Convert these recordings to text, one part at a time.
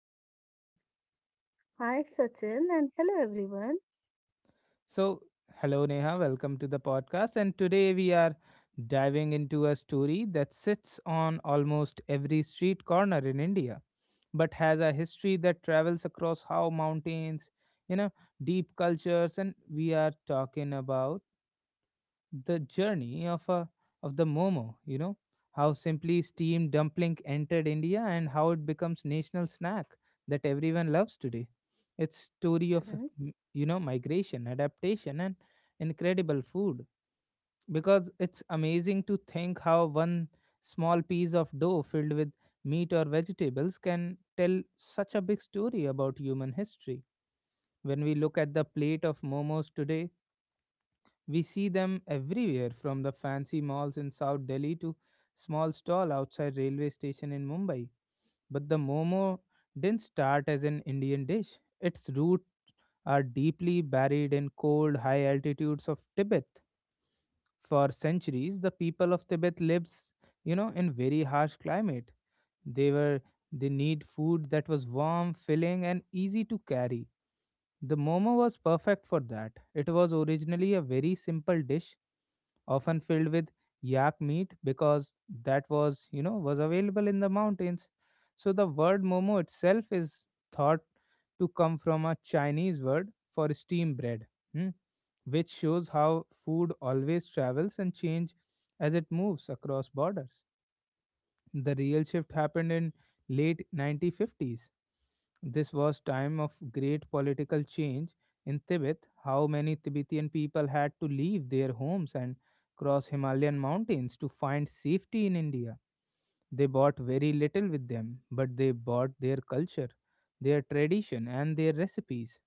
Hi, Neha. Hi, Sachin, and hello, everyone. So, hello, Neha. Welcome to the podcast. And today we are diving into a story that sits on almost every street corner in India, but has a history that travels across how mountains, you know, deep cultures. And we are talking about the journey of a of the momo how simply steamed dumpling entered india and how it becomes national snack that everyone loves today. Its story of Mm-hmm. Migration, adaptation, and incredible food, because it's amazing to think how one small piece of dough filled with meat or vegetables can tell such a big story about human history. When we look at the plate of momos today, we see them everywhere, from the fancy malls in South Delhi to small stall outside railway station in Mumbai. But the momo didn't start as an Indian dish. Its roots are deeply buried in cold high altitudes of Tibet. For centuries the people of Tibet lived, in very harsh climate. They were they need food that was warm, filling and easy to carry. The momo was perfect for that. It was originally a very simple dish often filled with yak meat, because that was you know was available in the mountains. So the word momo itself is thought to come from a chinese word for steam bread, hmm, which shows how food always travels and change as it moves across borders. The real shift happened in late 1950s. This was time of great political change in Tibet. How many Tibetan people had to leave their homes and cross Himalayan mountains to find safety in India. They bought very little with them, but they bought their culture, their tradition, and their recipes.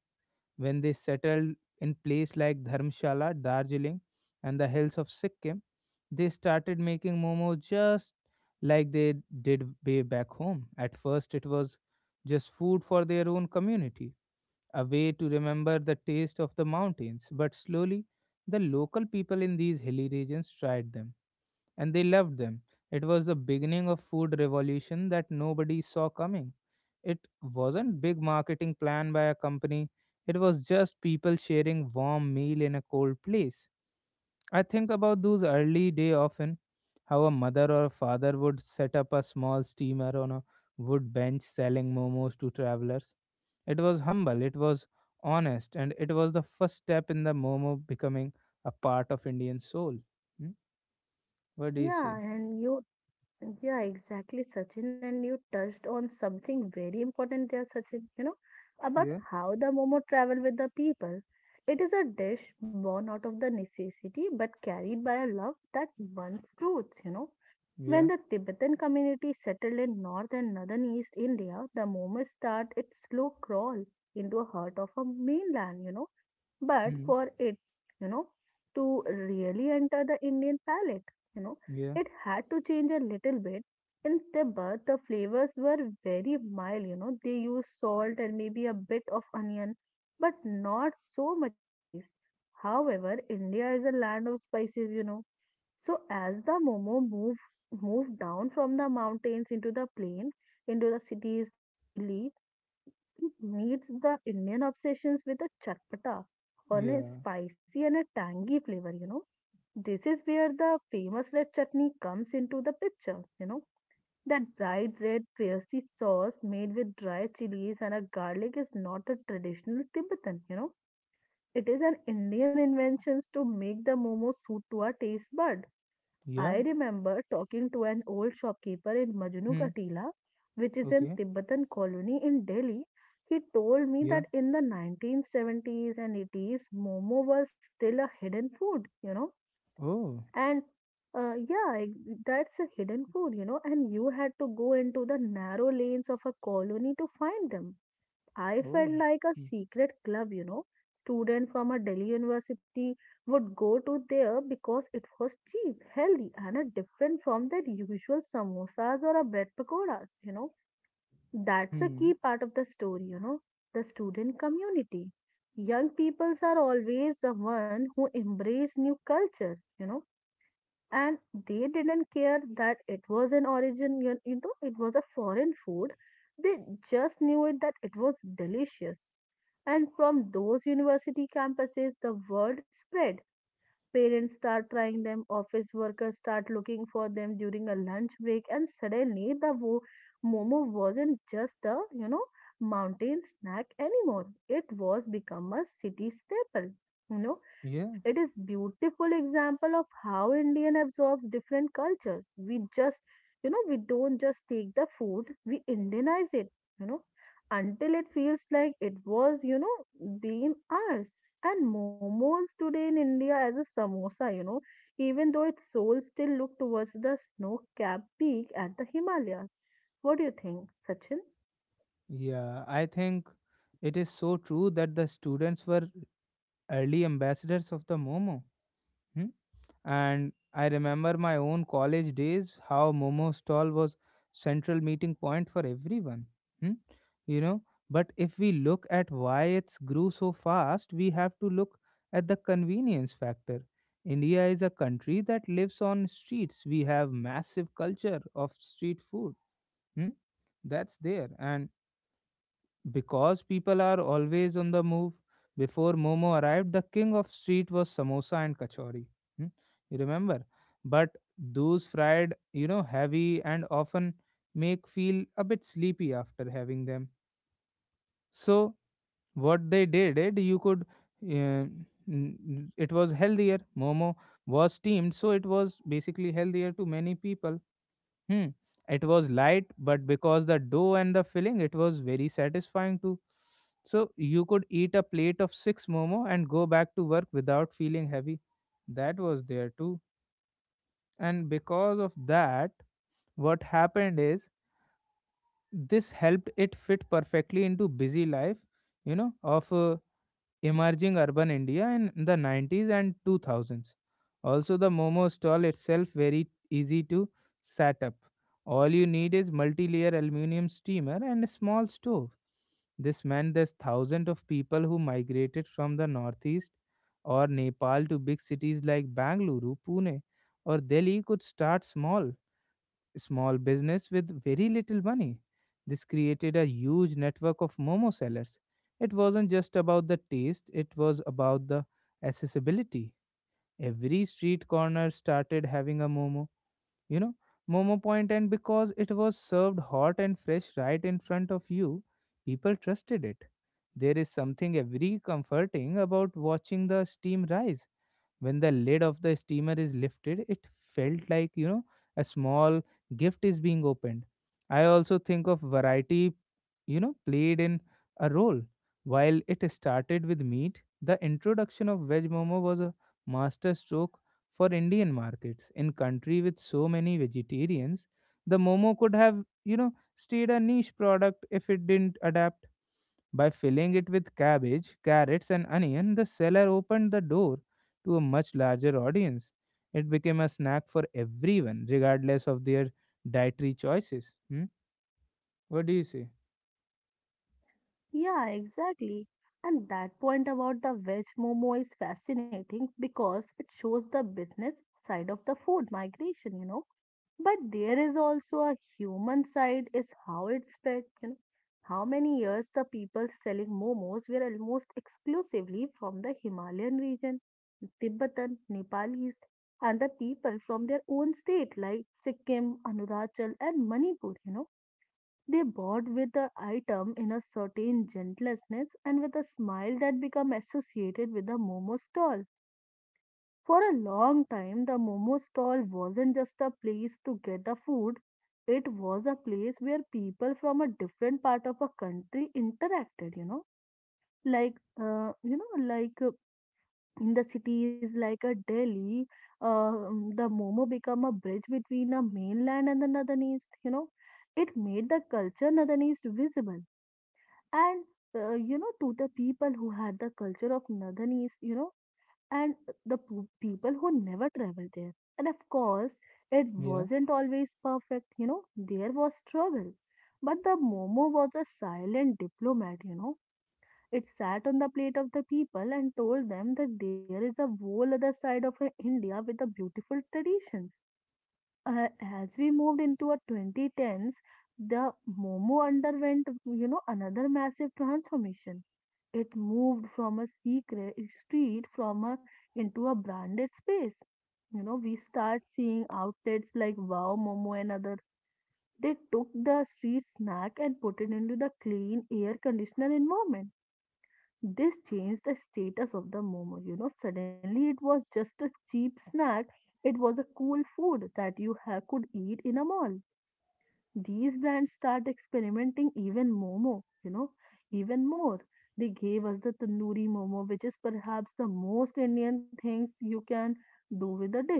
When they settled in places like Dharmshala, Darjeeling, and the hills of Sikkim, they started making momos just like they did way back home. At first, it was just food for their own community, a way to remember the taste of the mountains. But slowly, the local people in these hilly regions tried them and they loved them. It was the beginning of food revolution that nobody saw coming. It wasn't big marketing plan by a company. It was just people sharing warm meal in a cold place. I think about those early day often, how a mother or a father would set up a small steamer on a wood bench selling momos to travelers. It was humble, it was honest, and it was the first step in the momo becoming a part of Indian soul. Hmm? What do you Yeah, say? and you, yeah, exactly, Sachin. And you touched on something very important there, Sachin, you know, about Yeah, how the Momo travel with the people. It is a dish born out of the necessity but carried by a love that once roots, you know. When yeah, the Tibetan community settled in North and Northern East India, the Momo start its slow crawl into a heart of a mainland, you know. But hmm, for it, you know, to really enter the Indian palate, you know, yeah, it had to change a little bit. In Tibet, the flavors were very mild, you know, they used salt and maybe a bit of onion, but not so much spice. However, India is a land of spices, you know. So as the Momo moved down from the mountains into the plain, into the cities like Delhi, it meets the Indian obsessions with a chatpata on a yeah, spicy and a tangy flavor, you know. This is where the famous red chutney comes into the picture, you know. That bright red fiery sauce made with dry chilies and a garlic is not a traditional Tibetan, you know. It is an Indian invention to make the momo suit to our taste bud. yeah, I remember talking to an old shopkeeper in Majnu hmm, Katila, which is in okay, Tibetan colony in Delhi. He told me yeah, that in the 1970s and 80s, momo was still a hidden food, you know, oh, and uh, yeah, ex- that's a hidden food, you know, and you had to go into the narrow lanes of a colony to find them. I felt oh, like a hmm, secret club, you know. Students from a Delhi university would go to there because it was cheap, healthy, and different from their usual samosas or a bread pakoras, you know. That's a hmm, key part of the story, you know, the student community. Young peoples are always the one who embrace new culture, you know, and they didn't care that it was an origin, you know, it was a foreign food. They just knew it that it was delicious and from those university campuses, the word spread. Parents start trying them, office workers start looking for them during a lunch break, and suddenly the momo wasn't just a, you know, mountain snack anymore. It was become a city staple. You know, yeah, it is beautiful example of how Indian absorbs different cultures. We just, you know, we don't just take the food, we Indianize it. You know, until it feels like it was, you know, being ours. And momos today in India as a samosa, you know, even though its soul still look towards the snow-capped peak at the Himalayas. What do you think, Sachin? yeah. I think it is so true that the students were early ambassadors of the Momo. Hmm? And I remember my own college days, how Momo stall was central meeting point for everyone. Hmm? You know, but if we look at why it's grew so fast, we have to look at the convenience factor. India is a country that lives on streets. We have massive culture of street food. Hmm? That's there. And because people are always on the move, before Momo arrived, the king of street was samosa and kachori. Hmm? You remember? But those fried, heavy and often make feel a bit sleepy after having them. So what they did, it you could, uh, n- it was healthier. Momo was steamed, so it was basically healthier to many people. Hmm. It was light, but because the dough and the filling, it was very satisfying too. So you could eat a plate of six momo and go back to work without feeling heavy. That was there too. And because of that, what happened is this helped it fit perfectly into busy life, of emerging urban India in the 90s and 2000s. Also, the momo stall itself very easy to set up. All you need is multi-layer aluminum steamer and a small stove. This meant there's thousands of people who migrated from the northeast or Nepal to big cities like Bangalore, Pune, or Delhi could start small business with very little money. This created a huge network of momo sellers. It wasn't just about the taste, it was about the accessibility. Every street corner started having a momo, you know, momo point, and because it was served hot and fresh right in front of you, people trusted it. There is something very comforting about watching the steam rise, when the lid of the steamer is lifted. It felt like, a small gift is being opened. I also think of variety, played in a role. While it started with meat, the introduction of veg momo was a master stroke for Indian markets. In country with so many vegetarians, the momo could have, stayed a niche product. If it didn't adapt by filling it with cabbage, carrots, and onion, the seller opened the door to a much larger audience. It became a snack for everyone, regardless of their dietary choices. Hmm? What do you say? Yeah, exactly. And that point about the veg momo is fascinating because it shows the business side of the food migration, you know. But there is also a human side is how it's spread, you know. How many years the people selling momos were almost exclusively from the Himalayan region, Tibetan, Nepalese, and the people from their own state like Sikkim, Arunachal, and Manipur, you know, they bought with the item in a certain gentleness and with a smile that became associated with the momo stall. For a long time, the momo stall wasn't just a place to get the food, it was a place where people from a different part of a country interacted, you know. Like, uh, you know, like uh, in the cities like a Delhi, the momo become a bridge between the mainland and the northern, you know. It made the culture northern visible and, you know, to the people who had the culture of northern east, you know, and the people who never traveled there and of course it Yeah. wasn't always perfect, you know, there was struggle but the momo was a silent diplomat, you know, it sat on the plate of the people and told them that there is a whole other side of india with the beautiful traditions uh, as we moved into a 2010s, the Momo underwent, you know, another massive transformation. It moved from a secret street from a into a branded space. You know, we start seeing outlets like Wow Momo and other. They took the street snack and put it into the clean air conditioner environment. This changed the status of the momo. You know, suddenly it was just a cheap snack. It was a cool food that you could eat in a mall. These brands start experimenting even momo, you know, even more. They gave us the tandoori momo, which is perhaps the most Indian things you can do with a dish.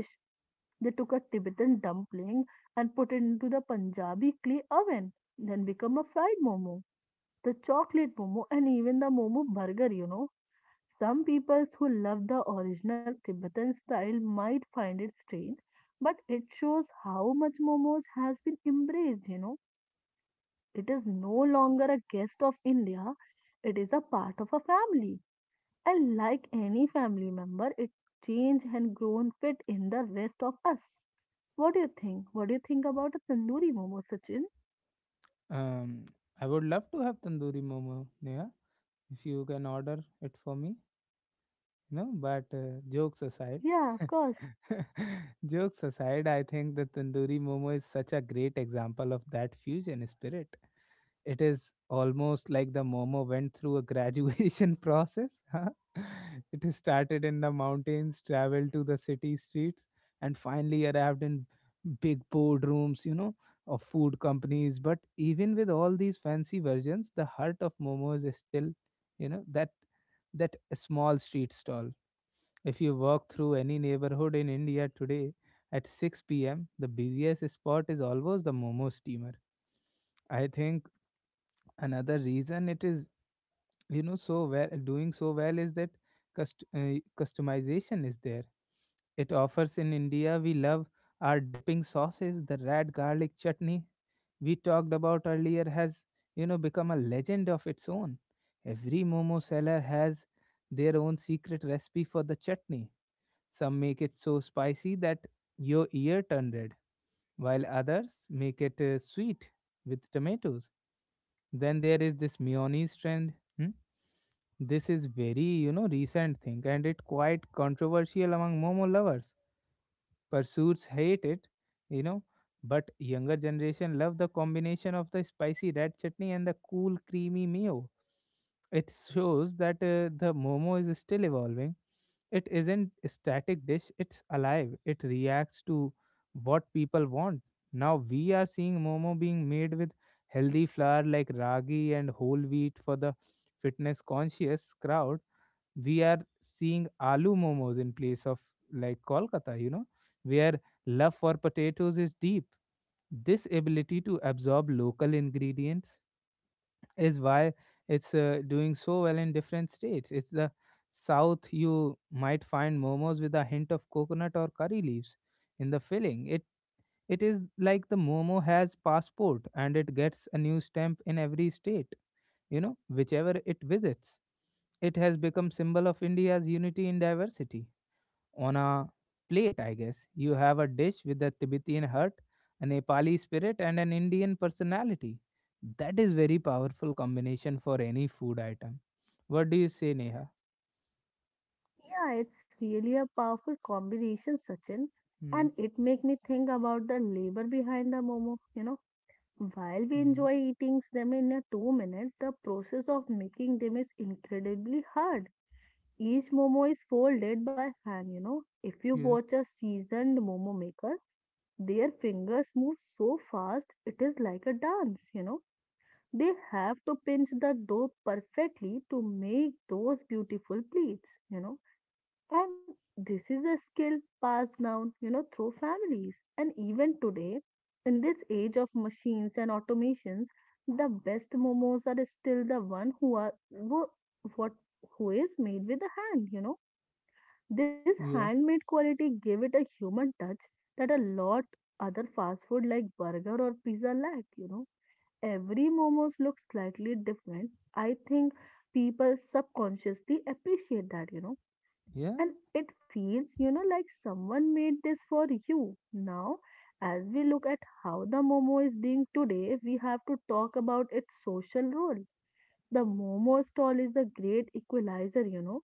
They took a Tibetan dumpling and put it into the Punjabi clay oven, then become a fried momo, the chocolate momo, and even the momo burger, you know, some people who love the original Tibetan style might find it strange, but it shows how much momos has been embraced, you know. It is no longer a guest of India, it is a part of a family. And like any family member, it changed and grown fit in the rest of us. What do you think? What do you think about a tandoori momo, Sachin? Um, I would love to have tandoori momo, Neha, if you can order it for me. No. But jokes aside, Yeah, of course. jokes aside, I think the tandoori momo is such a great example of that fusion spirit. It is almost like the Momo went through a graduation process. Huh? It has started in the mountains, traveled to the city streets, and finally arrived in big boardrooms, of food companies. But even with all these fancy versions, the heart of Momo is still, you know, that that small street stall. If you walk through any neighborhood in India today at 6 p.m., the busiest spot is always the Momo steamer. I think another reason it is so well, doing so well, is that customization is there it offers. In india we love our dipping sauces. The red garlic chutney we talked about earlier has become a legend of its own. Every momo seller has their own secret recipe for the chutney. Some make it so spicy that your ear turned red, while others make it sweet with tomatoes. Then there is this mayonnaise trend. Hmm? This is very, recent thing and it quite controversial among Momo lovers. Pursuits hate it you know but younger generation love the combination of the spicy red chutney and the cool creamy mayo. It shows that the momo is still evolving. It isn't a static dish, it's alive, it reacts to what people want. Now we are seeing momo being made with healthy flour like ragi and whole wheat for the fitness conscious crowd. We are seeing aloo momos in place of like kolkata where love for potatoes is deep. This ability to absorb local ingredients is why it's doing so well in different states. It's the south you might find momos with a hint of coconut or curry leaves in the filling. It is like the momo has passport and it gets a new stamp in every state, whichever it visits. It has become symbol of India's unity in diversity on a plate, I guess. You have a dish with a Tibetan heart, a Nepali spirit, and an Indian personality. That is very powerful combination for any food item. What do you say, Neha? Yeah, it's really a powerful combination, Sachin. Hmm. And it make me think about the labor behind the momo. You know, while we Hmm. enjoy eating them in a 2 minutes, the process of making them is incredibly hard. Each momo is folded by hand, you know. If you Yeah. watch a seasoned momo maker, their fingers move so fast, it is like a dance, you know. They have to pinch the dough perfectly to make those beautiful pleats, you know, and this is a skill passed down, you know, through families. And even today, in this age of machines and automations, the best momos are still the one who are what who is made with the hand, you know. This Yeah. handmade quality gave it a human touch that a lot other fast food like burger or pizza lack, you know. Every momos looks slightly different. I think people subconsciously appreciate that, you know, Yeah. and it feels, you know, like someone made this for you. Now, as we look at how the Momo is doing today, we have to talk about its social role. The Momo stall is a great equalizer, you know.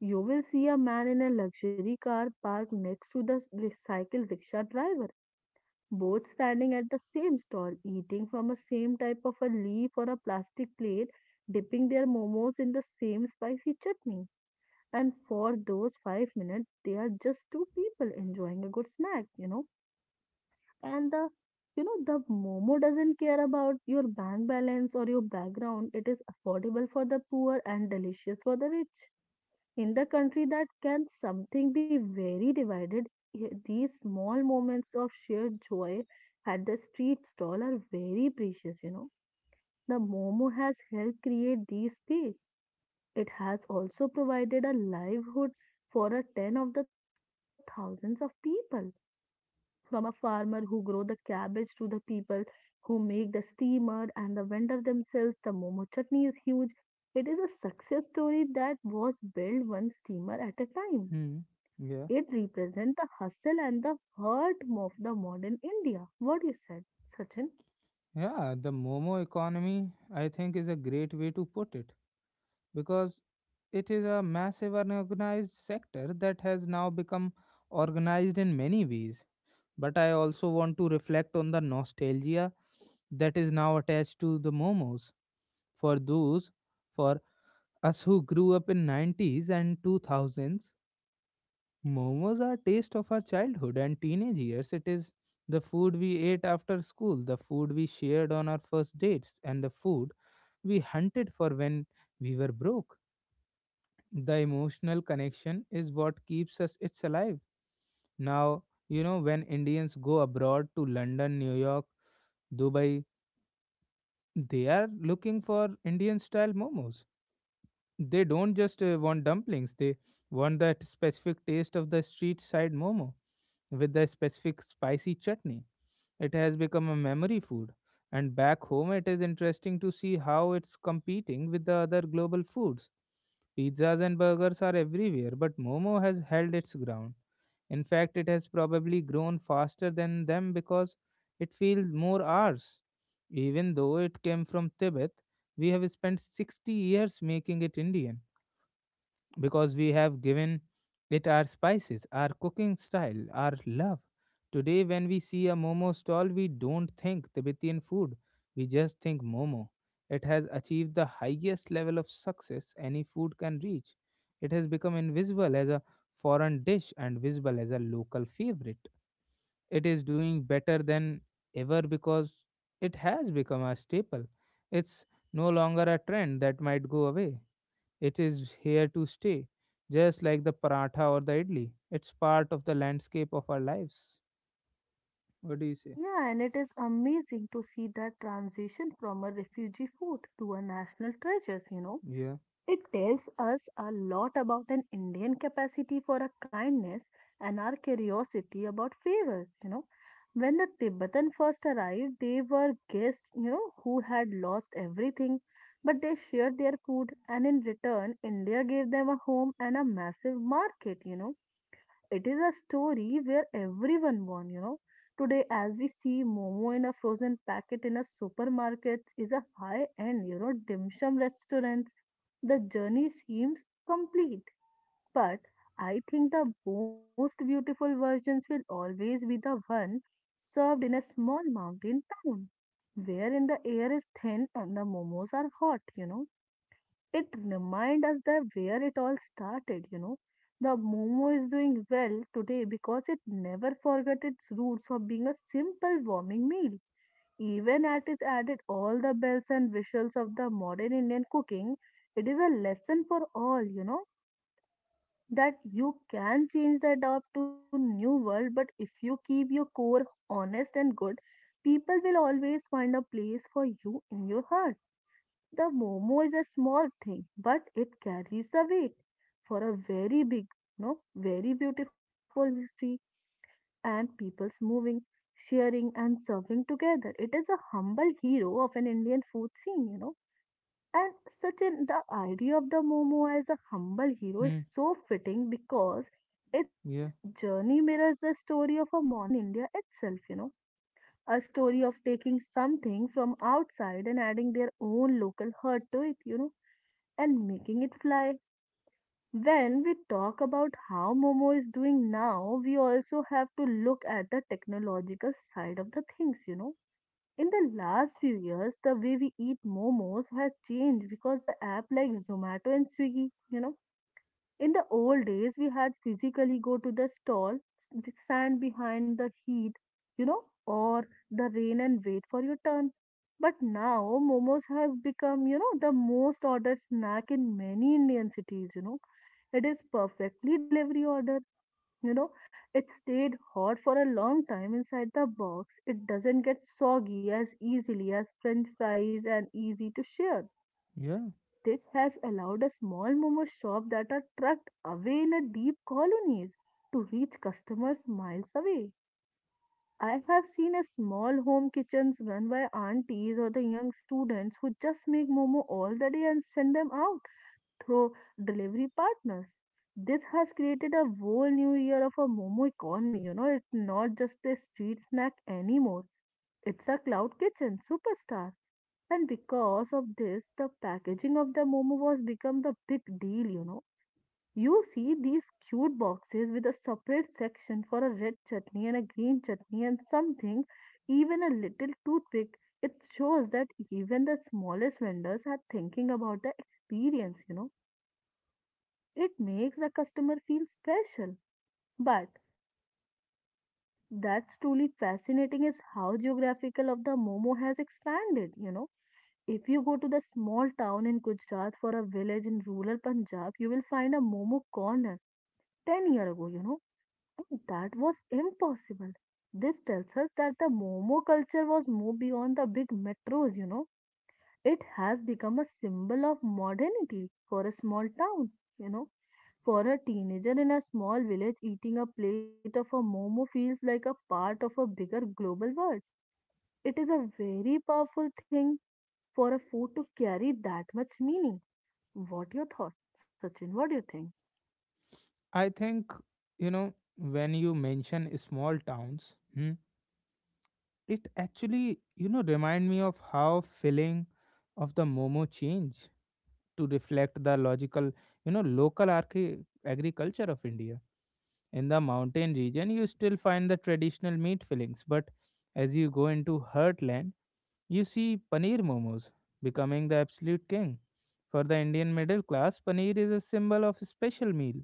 You will see a man in a luxury car parked next to the recycled rickshaw driver, both standing at the same stall, eating from a same type of a leaf or a plastic plate, dipping their momos in the same spicy chutney and for those 5 minutes, they are just two people enjoying a good snack, you know. And the, you know, the Momo doesn't care about your bank balance or your background. It is affordable for the poor and delicious for the rich. In the country that can something be very divided, these small moments of sheer joy at the street stall are very precious, you know. The Momo has helped create these space. It has also provided a livelihood for a ten of the thousands of people, from a farmer who grow the cabbage to the people who make the steamer and the vendor themselves. The momo chutney is huge. It is a success story that was built one steamer at a time. Hmm. Yeah. It represents the hustle and the heart of the modern India. What you said, Sachin? Yeah. The Momo economy, I think, is a great way to put it, because it is a massive unorganized sector that has now become organized in many ways. But I also want to reflect on the nostalgia that is now attached to the momos. For those, for us who grew up in 90s and 2000s, momos are taste of our childhood and teenage years. It is the food we ate after school, the food we shared on our first dates, and the food we hunted for when we were broke. The emotional connection is what keeps us it's alive. Now, when Indians go abroad to London, New York, Dubai, they are looking for Indian style momos. They don't just want dumplings, they want that specific taste of the street side momo with the specific spicy chutney. It has become a memory food. And back home, it is interesting to see how it's competing with the other global foods. Pizzas and burgers are everywhere, but momo has held its ground. In fact, it has probably grown faster than them because it feels more ours. Even though it came from Tibet, we have spent 60 years making it Indian because we have given it our spices, our cooking style, our love. Today, when we see a momo stall, we don't think Tibetan food, we just think momo. It has achieved the highest level of success any food can reach. It has become invisible as a foreign dish and visible as a local favorite. It is doing better than ever because it has become a staple. It's no longer a trend that might go away. It is here to stay, just like the paratha or the idli. It's part of the landscape of our lives. What do you say? Yeah, and it is amazing to see that transition from a refugee food to a national treasures, you know. Yeah. It tells us a lot about an Indian capacity for a kindness and our curiosity about favors, you know. When the Tibetan first arrived, they were guests, you know, who had lost everything, but they shared their food, and in return, India gave them a home and a massive market, you know. It is a story where everyone won, you know. Today, as we see Momo in a frozen packet in a supermarket, is a high end, you know, dim sum restaurants. The journey seems complete, but I think the most beautiful versions will always be the one served in a small mountain town, where in the air is thin and the momos are hot, you know, it reminds us that where it all started, you know. The Momo is doing well today because it never forgot its roots of being a simple warming meal. Even as it added all the bells and whistles of the modern Indian cooking, it is a lesson for all, you know, that you can change the up to new world, but if you keep your core honest and good, people will always find a place for you in your heart. The momo is a small thing, but it carries the weight for a very big, no, very beautiful history and people's moving, sharing, and serving together. It is a humble hero of an Indian food scene, you know. And such an the idea of the momo as a humble hero is Hmm. so fitting because its Yeah, journey mirrors the story of a modern India itself, you know. A story of taking something from outside and adding their own local heart to it, you know, and making it fly. When we talk about how Momo is doing now, we also have to look at the technological side of the things, you know. In the last few years, the way we eat momos has changed because the app like Zomato and Swiggy, you know, in the old days, we had physically go to the stall, stand behind the heat, you know, or the rain and wait for your turn. But now, momos has become, you know, the most ordered snack in many Indian cities, you know. It is perfectly delivery order, you know. It stayed hot for a long time inside the box. It doesn't get soggy as easily as french fries and easy to share. yeah. This has allowed a small momo shop that are tucked away in a deep colonies to reach customers miles away. I have seen a small home kitchens run by aunties or the young students who just make momo all the day and send them out through delivery partners. This has created a whole new year of a momo economy. You know, it's not just a street snack anymore. It's a cloud kitchen superstar, and because of this, the packaging of the Momo was become the big deal, you know. You see these cute boxes with a separate section for a red chutney and a green chutney and something, even a little toothpick. It shows that even the smallest vendors are thinking about the experience, you know. It makes the customer feel special. But that's truly fascinating is how geographical of the Momo has expanded, you know. If you go to the small town in Gujarat for a village in rural Punjab, you will find a Momo corner 10 years ago, you know, and that was impossible. This tells us that the Momo culture was moved beyond the big metros, you know. It has become a symbol of modernity for a small town, you know. For a teenager in a small village, eating a plate of a Momo feels like a part of a bigger global world. It is a very powerful thing for a food to carry that much meaning. What your thought, Sachin? What do you think? I think, when you mention small towns, Hmm. it actually, remind me of how feeling of the Momo change to reflect the logical, local agriculture of India. In the mountain region, you still find the traditional meat fillings, but as you go into heartland, you see paneer momos becoming the absolute king. For the Indian middle class, paneer is a symbol of special meal.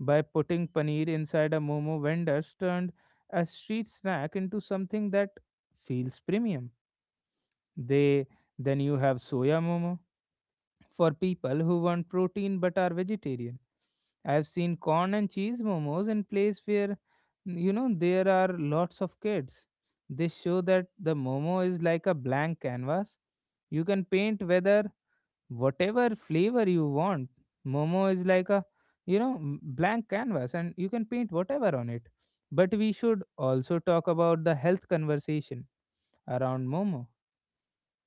By putting paneer inside a momo, vendors turned a street snack into something that feels premium. They Then you have soya momo, for people who want protein but are vegetarian. I have seen corn and cheese momos in place where there are lots of kids. This show that the momo is like a blank canvas. You can paint whether whatever flavor you want. Momo is like a blank canvas, and you can paint whatever on it. But we should also talk about the health conversation around momo.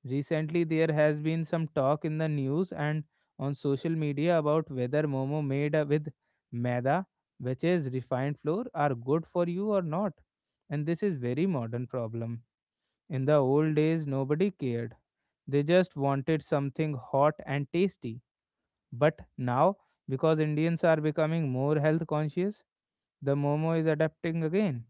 Recently, there has been some talk in the news and on social media about whether momo made with maida, which is refined flour, are good for you or not. And this is very modern problem. In the old days, nobody cared. They just wanted something hot and tasty. But now, because Indians are becoming more health conscious, the momo is adapting again.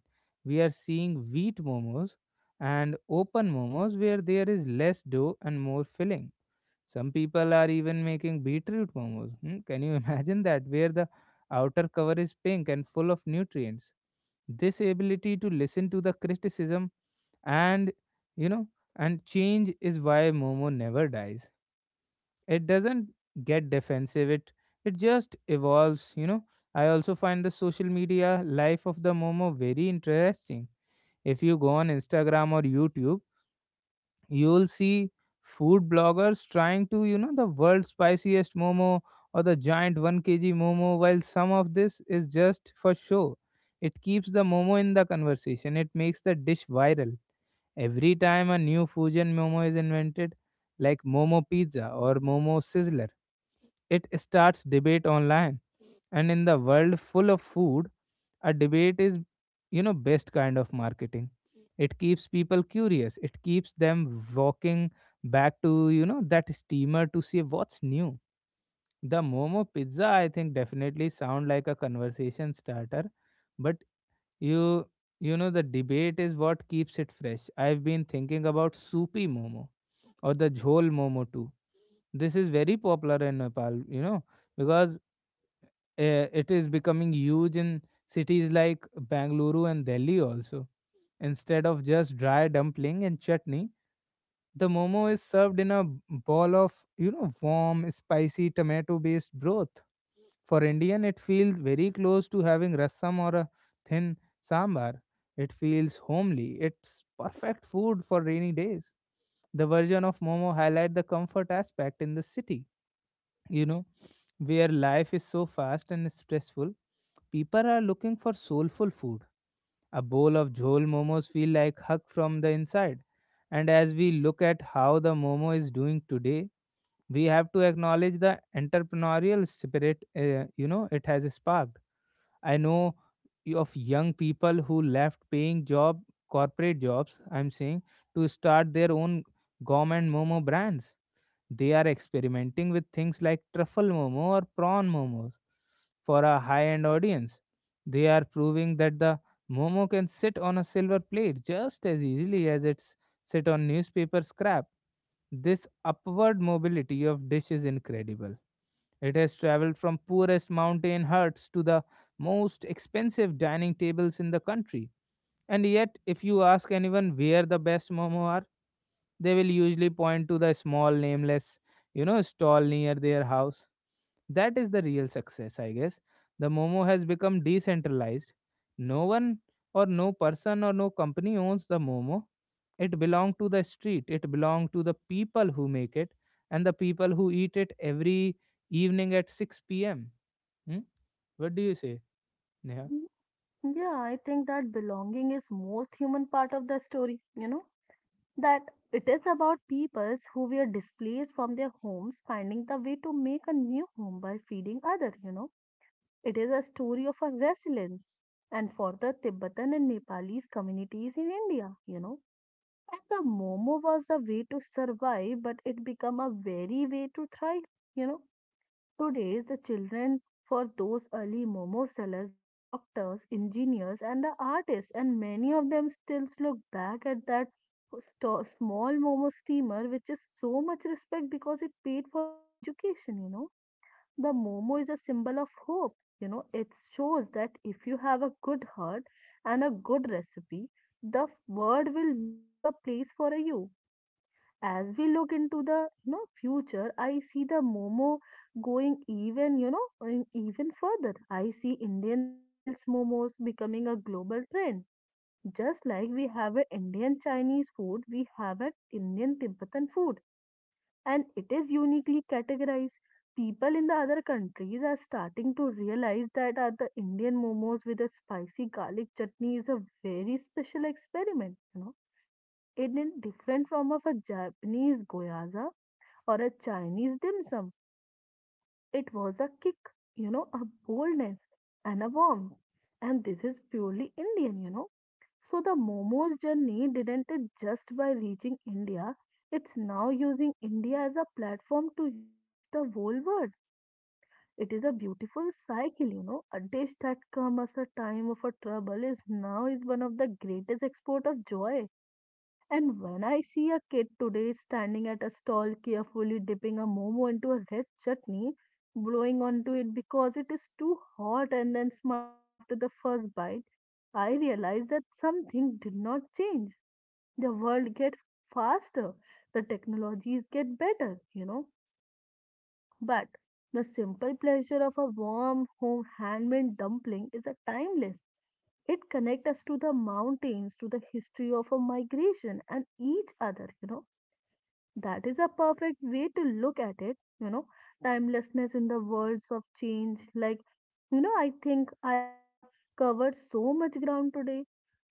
We are seeing wheat momos and open momos where there is less dough and more filling. Some people are even making beetroot momos. Can you imagine that? Where the outer cover is pink and full of nutrients. This ability to listen to the criticism and you know and change is why momo never dies. It doesn't get defensive. It just evolves. I also find the social media life of the momo very interesting. If you go on Instagram or YouTube, you'll see food bloggers trying to the world's spiciest momo or the giant 1 kg momo. While some of this is just for show, it keeps the momo in the conversation. It makes the dish viral. Every time a new fusion momo is invented, like momo pizza or momo sizzler, it starts debate online. And in the world full of food, a debate is, best kind of marketing. It keeps people curious. It keeps them walking back to, that steamer to see what's new. The Momo pizza, I think, definitely sound like a conversation starter. But you the debate is what keeps it fresh. I've been thinking about soupy Momo or the Jhol Momo too. This is very popular in Nepal, because it is becoming huge in cities like Bangalore and Delhi also. Instead of just dry dumpling and chutney, the momo is served in a ball of, warm, spicy tomato based broth. For Indian, it feels very close to having rasam or a thin sambar. It feels homely. It's perfect food for rainy days. The version of momo highlight the comfort aspect in the city, you know where life is so fast and stressful. People are looking for soulful food. A bowl of jhol momos feel like hug from the inside. And as we look at how the momo is doing today, we have to acknowledge the entrepreneurial spirit it has sparked. I know, of young people who left paying job corporate jobs, I'm saying, to start their own gourmet momo brands. They are experimenting with things like truffle momo or prawn momos for a high end audience. They are proving that the momo can sit on a silver plate just as easily as it's sit on newspaper scrap. This upward mobility of dish is incredible. It has traveled from poorest mountain huts to the most expensive dining tables in the country. And yet, if you ask anyone where the best momo are, they will usually point to the small nameless, stall near their house. That is the real success, I guess. The Momo has become decentralized. No one, or no person, or no company owns the Momo. It belongs to the street. It belongs to the people who make it and the people who eat it every evening at 6 p.m. Hmm? What do you say, Neha? Yeah, I think that belonging is most human part of the story, you know, that it is about peoples who were displaced from their homes finding the way to make a new home by feeding others, you know. It is a story of a resilience and for the Tibetan and Nepalese communities in India, you know. And the Momo was the way to survive, but it became a very way to thrive, you know. Today, the children for those early momo sellers, the doctors, engineers, and the artists, and many of them still look back at that small momo steamer, which is so much respect because it paid for their education. You know, the momo is a symbol of hope. You know, it shows that if you have a good heart and a good recipe, the world will make a place for you as we look into the, you know, future. I see the momo going even, you know, going even further. I see indian styles momos becoming a global trend, just like we have an indian chinese food, we have an indian tibetan food, and it is uniquely categorized. People in the other countries are starting to realize that are the indian momos with a spicy garlic chutney is a very special experiment, you know. It is different from of a japanese goyaza or a Chinese dim sum. It was a kick, you know, a boldness and a warmth. And this is purely Indian, you know. So the momo's journey didn't end just by reaching India. It's now using India as a platform to reach the whole world. It is a beautiful cycle, you know. A dish that comes as a time of a trouble is now is one of the greatest export of joy. And when I see a kid today standing at a stall carefully dipping a momo into a red chutney, blowing onto it because it is too hot and then smiling after the first bite, I realize that something did not change. The world gets faster, the technologies get better, you know. But the simple pleasure of a warm home handmade dumpling is a timeless. It connects us to the mountains, to the history of a migration and each other, you know. That is a perfect way to look at it, you know, timelessness in the worlds of change. Like, you know, I think I have covered so much ground today,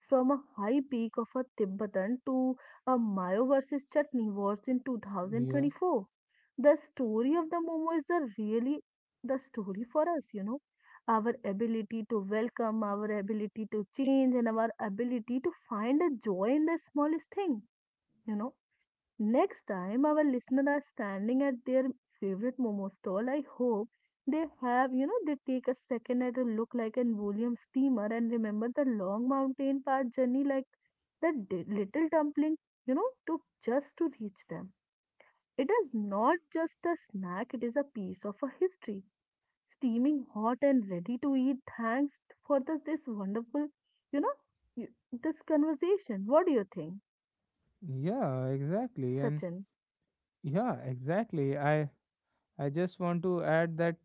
from a high peak of a Tibetan to a Mayo versus Chutney wars in Yeah, 2024. The story of the Momo is a really the story for us, you know, our ability to welcome, our ability to change, and our ability to find a joy in the smallest thing, you know. Next time our listeners are standing at their favorite momo stall, I hope they have, you know, they take a second at a look like an William steamer and remember the long mountain path journey like that little dumpling, you know, took just to reach them. It is not just a snack, it is a piece of a history. Steaming hot and ready to eat. Thanks for this wonderful, you know, y- this conversation. What do you think, yeah, exactly. And Sachin? yeah, exactly. I just want to add that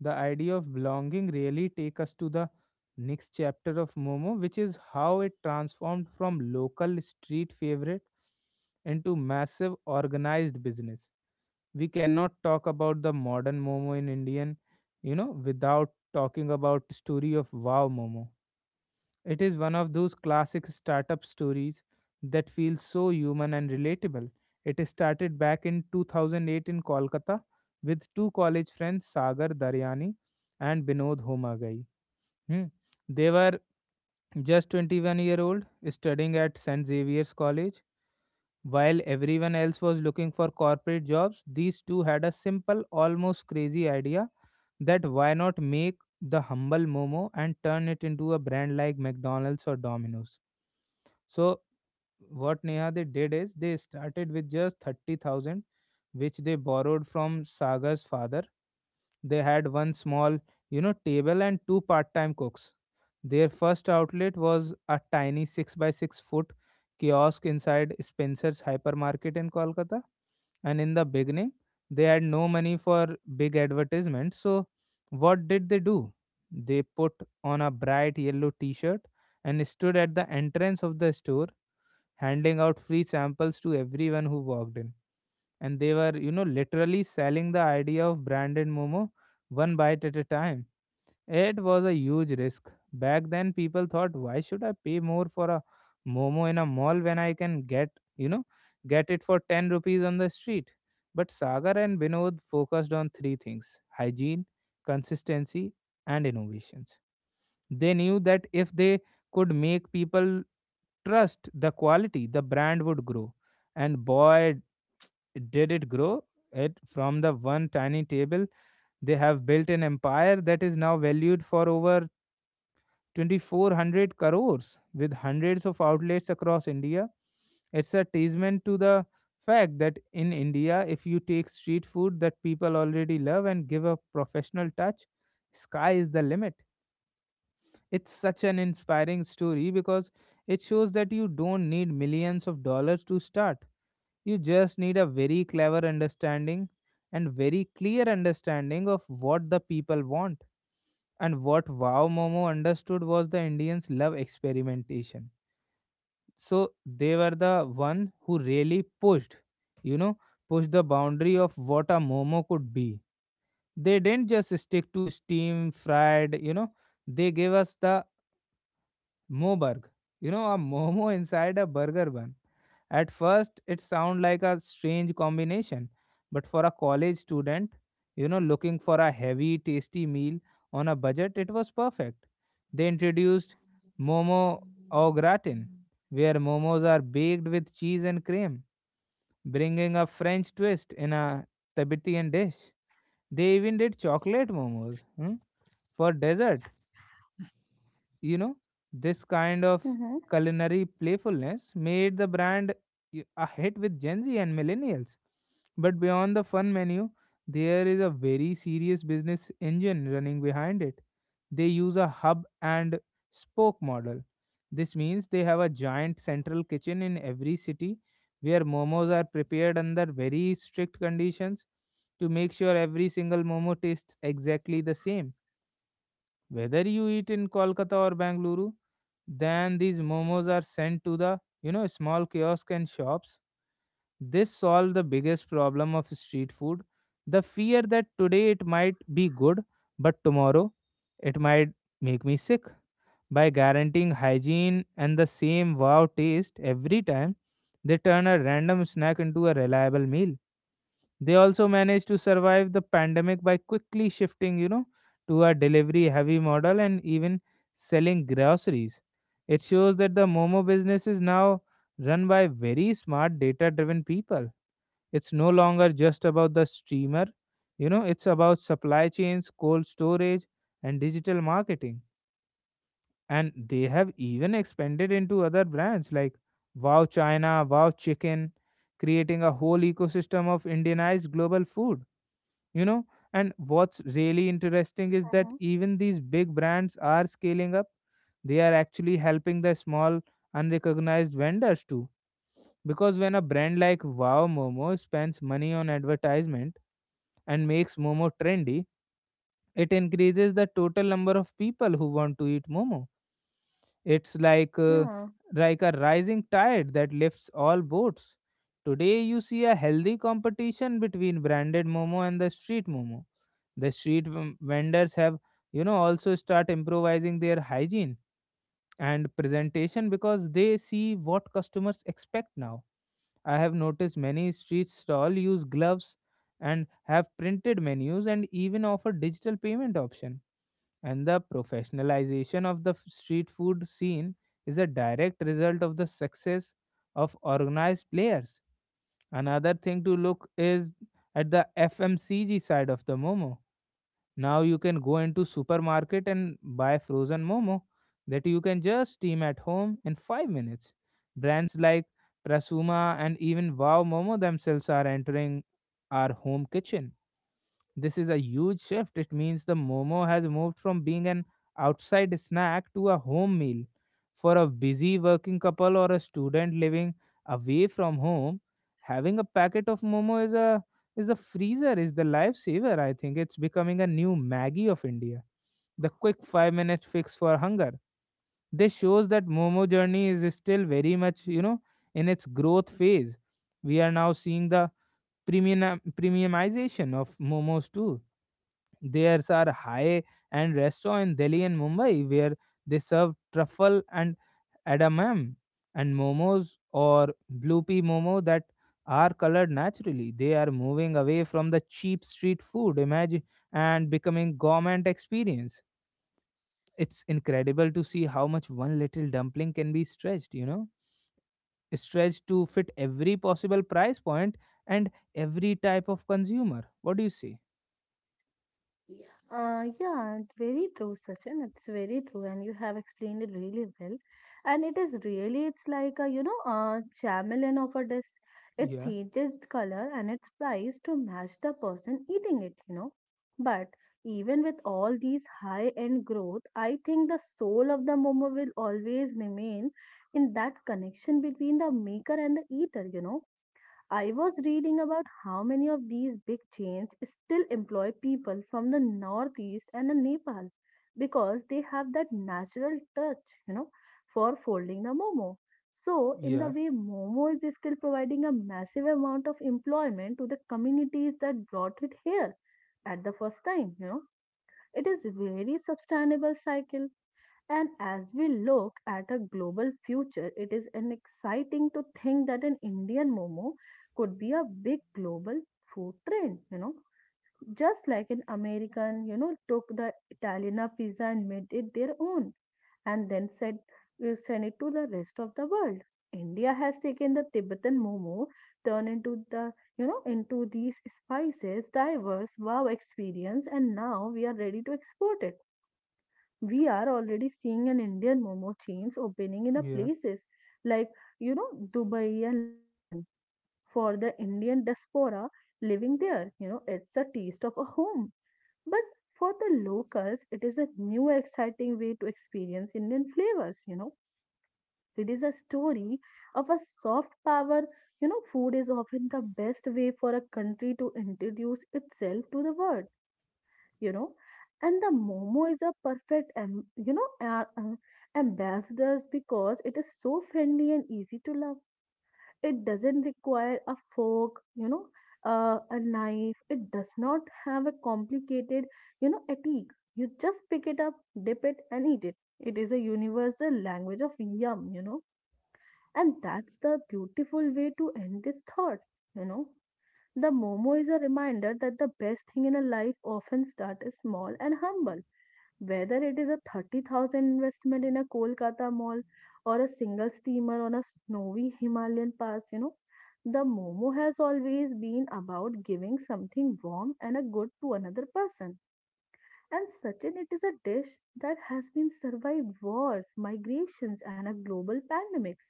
the idea of belonging really take us to the next chapter of Momo, which is how it transformed from local street favorite into massive organized business. We cannot talk about the modern Momo in Indian, without talking about story of Wow Momo. It is one of those classic startup stories that feels so human and relatable. It started back in 2008 in Kolkata with two college friends, Sagar Daryani and Binod Homagai. Hmm. They were just 21-year-old studying at St. Xavier's College. While everyone else was looking for corporate jobs, these two had a simple, almost crazy idea that why not make the humble Momo and turn it into a brand like McDonald's or Domino's. So what, Neha, they did is they started with just 30,000 which they borrowed from Sagar's father. They had one small, table and two part-time cooks. Their first outlet was a tiny 6 by 6 foot kiosk inside Spencer's hypermarket in Kolkata. And in the beginning, they had no money for big advertisements. So what did they do? They put on a bright yellow t-shirt and stood at the entrance of the store handing out free samples to everyone who walked in. And they were, literally selling the idea of branded Momo one bite at a time. It was a huge risk. Back then, people thought, why should I pay more for a Momo in a mall when I can you know, get it for 10 rupees on the street? But Sagar and Vinod focused on three things: hygiene, consistency, and innovations. They knew that if they could make people trust the quality, the brand would grow. And boy, did it grow! It From the one tiny table, they have built an empire that is now valued for over 2,400 crores with hundreds of outlets across India. It's a testament to the fact that in India, if you take street food that people already love and give a professional touch, sky is the limit. It's such an inspiring story because it shows that you don't need millions of dollars to start. You just need a very clever understanding and very clear understanding of what the people want. And what Wow Momo understood was the Indians love experimentation. So they were the one who really you know, pushed the boundary of what a Momo could be. They didn't just stick to steam, fried, they gave us the Moburg. A Momo inside a burger bun. At first, it sounds like a strange combination, but for a college student, looking for a heavy, tasty meal on a budget, it was perfect. They introduced Momo au gratin, where momos are baked with cheese and cream, bringing a French twist in a Tibetan dish. They even did chocolate momos, for dessert. you know, this kind of Mm-hmm. culinary playfulness made the brand a hit with Gen Z and millennials. But beyond the fun menu, there is a very serious business engine running behind it. They use a hub and spoke model. This means they have a giant central kitchen in every city where momos are prepared under very strict conditions to make sure every single momo tastes exactly the same whether you eat in Kolkata or Bangalore. Then these momos are sent to the small kiosk and shops. This solved the biggest problem of street food, the fear that today it might be good, but tomorrow it might make me sick. By guaranteeing hygiene and the same wow taste every time, they turn a random snack into a reliable meal. They also managed to survive the pandemic by quickly shifting, to a delivery heavy model and even selling groceries. It shows that the Momo business is now run by very smart data driven people. It's no longer just about the streamer, it's about supply chains, cold storage, and digital marketing. And they have even expanded into other brands like Wow China, Wow Chicken, creating a whole ecosystem of Indianized global food. you know and what's really interesting is that Mm-hmm. even these big brands are scaling up. They are actually helping the small unrecognized vendors too, because when a brand like Wow Momo spends money on advertisement and makes momo trendy, it increases the total number of people who want to eat momo. It's Yeah. like a rising tide that lifts all boats. Today you see a healthy competition between branded momo and the street momo. The street vendors have, also start improvising their hygiene and presentation because they see what customers expect now. I have noticed many street stall use gloves and have printed menus and even offer digital payment option, and the professionalization of the street food scene is a direct result of the success of organized players. Another thing to look is at the FMCG side of the Momo. Now you can go into supermarket and buy frozen momo that you can just steam at home in 5 minutes. Brands like Prasuma and even Wow Momo themselves are entering our home kitchen. This is a huge shift. It means the momo has moved from being an outside snack to a home meal. For a busy working couple or a student living away from home, having a packet of momo is a is the freezer, is the lifesaver, I think. It's becoming a new Maggie of India. The quick 5 minute fix for hunger. This shows that Momo journey is still very much, in its growth phase. We are now seeing the premiumization of momos too. There are high-end restaurants in Delhi and Mumbai where they serve truffle and edamame and momos or blue pea momo that are colored naturally. They are moving away from the cheap street food image and becoming gourmet experience. It's incredible to see how much one little dumpling can be stretched, stretched to fit every possible price point and every type of consumer. What do you say? Yeah. Yeah, it's very true, Sachin. It's very true, and you have explained it really well. And it is really, it's like a, you know, a chameleon of a dish. It Yeah, changes its color and its price to match the person eating it, you know. But even with all these high-end growth, I think the soul of the momo will always remain in that connection between the maker and the eater, you know. I was reading about how many of these big chains still employ people from the northeast and the Nepal because they have that natural touch, you know, for folding the momo. So, in the yeah, way, momo is still providing a massive amount of employment to the communities that brought it here at the first time, you know. It is very sustainable cycle, and as we look at a global future, it is an exciting to think that an Indian momo could be a big global food trend, you know. Just like an American, you know, took the Italiana pizza and made it their own and then said you send it to the rest of the world. India has taken the Tibetan momo, turned into the, you know, into these spices, diverse wow experience, and now we are ready to export it. We are already seeing an Indian momo chains opening in a yeah, places like, you know, Dubai and London, for the Indian diaspora living there. You know, it's a taste of a home, but for the locals, it is a new exciting way to experience Indian flavors. You know, it is a story of a soft power. You know, food is often the best way for a country to introduce itself to the world, you know. And the momo is a perfect you know ambassadors, because it is so friendly and easy to love. It doesn't require a fork, you know, a knife. It does not have a complicated, you know, etiquette. You just pick it up, dip it and eat it. It is a universal language of yum, you know. And that's the beautiful way to end this thought, you know. The momo is a reminder that the best thing in a life often starts small and humble, whether it is a 30,000 investment in a Kolkata mall or a single steamer on a snowy Himalayan pass, you know. The Momo has always been about giving something warm and a good to another person. And Sachin, it is a dish that has been survived wars, migrations, and a global pandemics,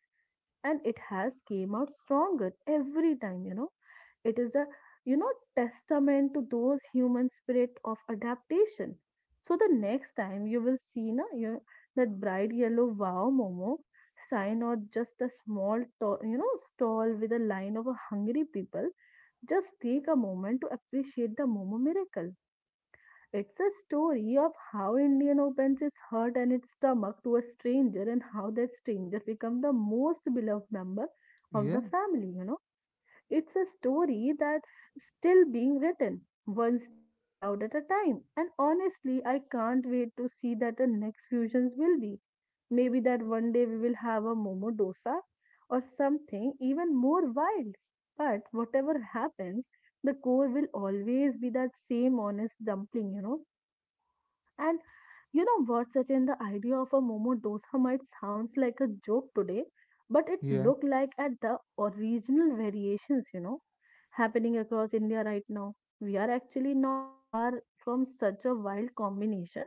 and it has came out stronger every time, you know. It is a, you know, testament to those human spirit of adaptation. So the next time you will see na you that bright yellow wow momo sign or just a small you know stall with a line of a hungry people, just take a moment to appreciate the momo miracle. It's a story of how Indian opens its heart and its stomach to a stranger and how that stranger becomes the most beloved member of the yeah, family, you know. It's a story that still being written, one steam cloud at a time. And honestly, I can't wait to see that the next fusions will be. Maybe that one day we will have a Momo Dosa or something even more wild. But whatever happens, the core will always be that same honest dumpling, you know. And you know what, Sachin, the idea of a Momo dosa might sounds like a joke today, but it yeah. looked like at the original variations, you know, happening across India right now. We are actually not far from such a wild combination.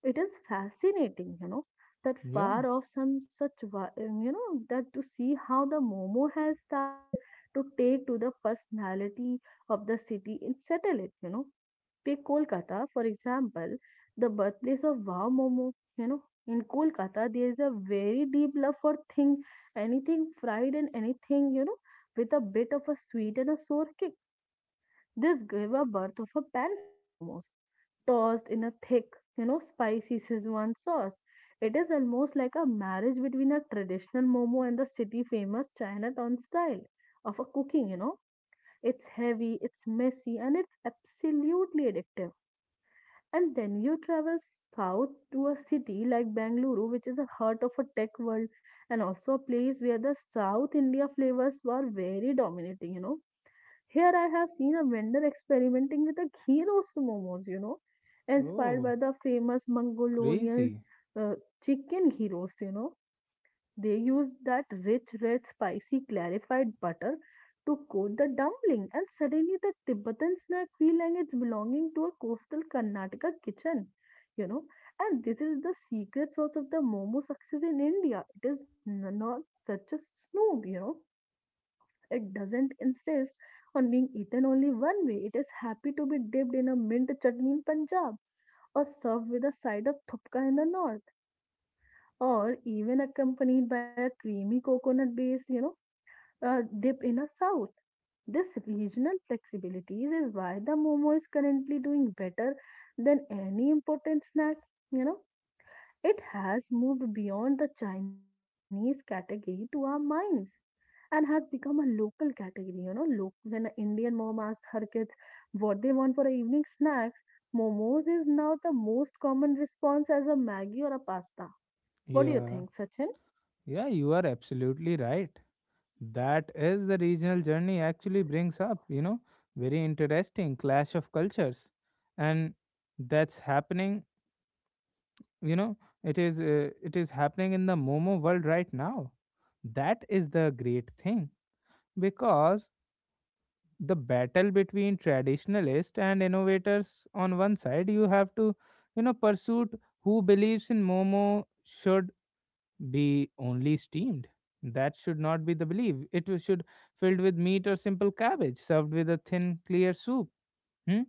It is fascinating, you know, that Yeah. far off some such, you know, that to see how the Momo has started to take to the personality of the city and settle it, you know. Take Kolkata, for example, the birthplace of Wow Momo. You know, in Kolkata, there is a very deep love for thing, anything fried and anything, you know, with a bit of a sweet and a sour kick. This gave a birth of a pan-fried momos, tossed in a thick, you know, spicy Szechuan sauce. It is almost like a marriage between a traditional momo and the city famous Chinatown style of a cooking, you know. It's heavy, it's messy, and it's absolutely addictive. And then you travel south to a city like Bangalore, which is the heart of a tech world and also a place where the South India flavors were very dominating, you know. Here I have seen a vendor experimenting with a ghee roast momos, you know, inspired Oh, by the famous Mongolian crazy. uh, chicken ghee roast, you know. They used that rich, red, spicy, clarified butter to coat the dumpling, and suddenly the Tibetan snack feel like it's belonging to a coastal Karnataka kitchen, you know. And this is the secret source of the momo success in India. It is not such a snoop, you know. It doesn't insist on being eaten only one way. It is happy to be dipped in a mint chutney in Punjab or served with a side of thupka in the north, or even accompanied by a creamy coconut base, you know, dip in the south. This regional flexibility is why the momo is currently doing better than any important snack. You know, it has moved beyond the Chinese category to our minds and has become a local category. You know, look when an Indian mom asks her kids what they want for a evening snacks, momos is now the most common response as a maggi or a pasta. What do you Yeah. think, Sachin? Yeah, you are absolutely right. That is the regional journey actually brings up, very interesting clash of cultures. And that's happening, you know, it is happening in the Momo world right now. That is the great thing because the battle between traditionalists and innovators on one side you have to, pursuit who believes in Momo should be only steamed. That should not be the belief. It should filled with meat or simple cabbage, served with a thin, clear soup, hmm?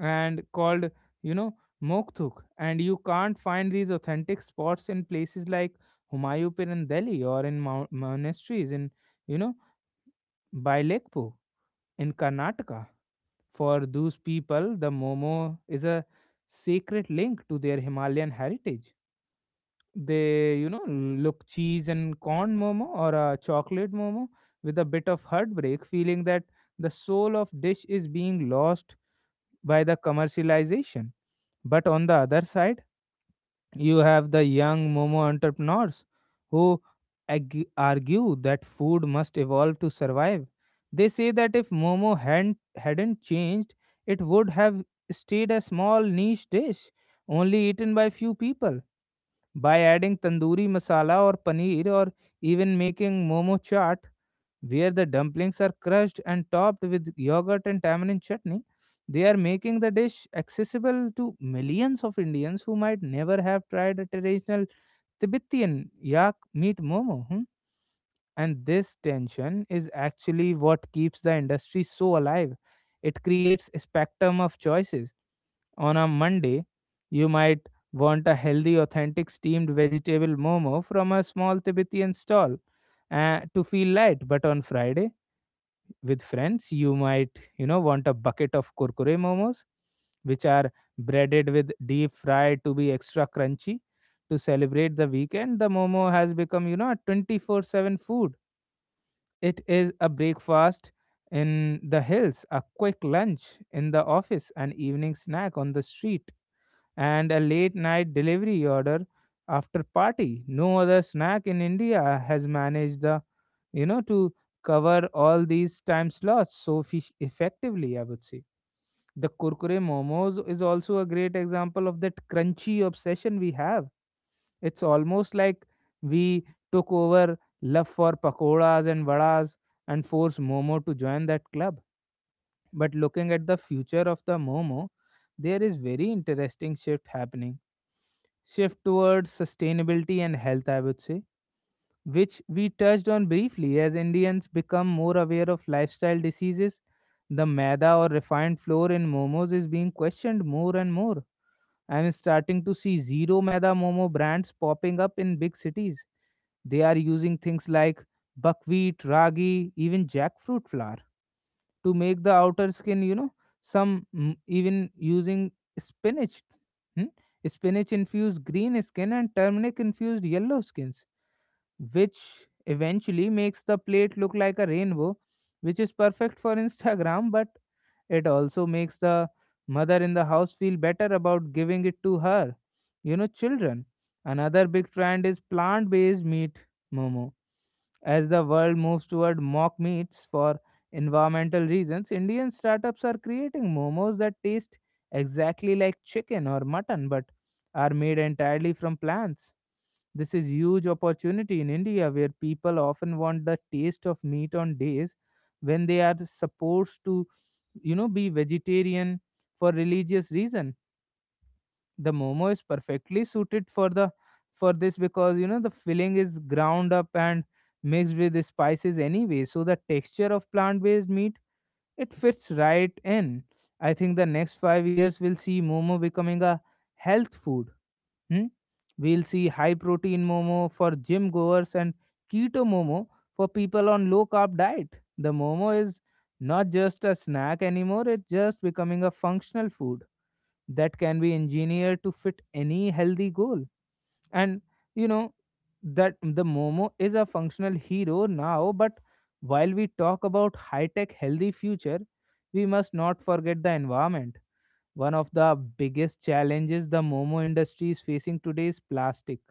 And called, you know, mokthuk. And you can't find these authentic spots in places like Humayun in Delhi or in monasteries in, you know, Bailekpo in Karnataka. For those people, the momo is a sacred link to their Himalayan heritage. They, look cheese and corn momo or a chocolate momo with a bit of heartbreak, feeling that the soul of dish is being lost by the commercialization. But on the other side, you have the young Momo entrepreneurs who argue that food must evolve to survive. They say that if Momo hadn't changed, it would have stayed a small niche dish, only eaten by few people by adding tandoori masala or paneer or even making momo chaat, where the dumplings are crushed and topped with yogurt and tamarind chutney. They are making the dish accessible to millions of Indians who might never have tried a traditional Tibetan yak meat momo. Hmm? And this tension is actually what keeps the industry so alive. It creates a spectrum of choices. On a Monday, you might want a healthy, authentic steamed vegetable momo from a small Tibetan stall to feel light. But on Friday, with friends, you might, want a bucket of kurkure momos, which are breaded with deep fried to be extra crunchy. To celebrate the weekend, the momo has become, a 24/7 food. It is a breakfast in the hills, a quick lunch in the office, an evening snack on the street and a late night delivery order after party. No other snack in India has managed the to cover all these time slots so fish effectively, I would say. The Kurkure momos is also a great example of that crunchy obsession we have. It's almost like we took over love for pakoras and vadas and forced Momo to join that club. But looking at the future of the Momo, there is very interesting shift happening, shift towards sustainability and health, I would say, which we touched on briefly as Indians become more aware of lifestyle diseases. The maida or refined flour in momos is being questioned more and more. I'm starting to see zero maida momo brands popping up in big cities. They are using things like buckwheat, ragi, even jackfruit flour to make the outer skin, some even using spinach. Hmm? Spinach infused green skin and turmeric infused yellow skins, which eventually makes the plate look like a rainbow, which is perfect for Instagram, but it also makes the mother in the house feel better about giving it to her, children. Another big trend is plant based meat, Momo. As the world moves toward mock meats for environmental reasons, Indian startups are creating momos that taste exactly like chicken or mutton but are made entirely from plants. This is huge opportunity in India where people often want the taste of meat on days when they are supposed to be vegetarian for religious reason. The momo is perfectly suited for the for this, because the filling is ground up and mixed with the spices anyway, so the texture of plant based meat, it fits right in. I think the next 5 years will see momo becoming a health food. Hmm? We'll see high protein momo for gym goers and keto momo for people on low carb diet. The momo is not just a snack anymore, it's just becoming a functional food that can be engineered to fit any healthy goal. And you know that the momo is a functional hero now, but while we talk about high tech healthy future, we must not forget the environment. One of the biggest challenges the Momo industry is facing today is plastic.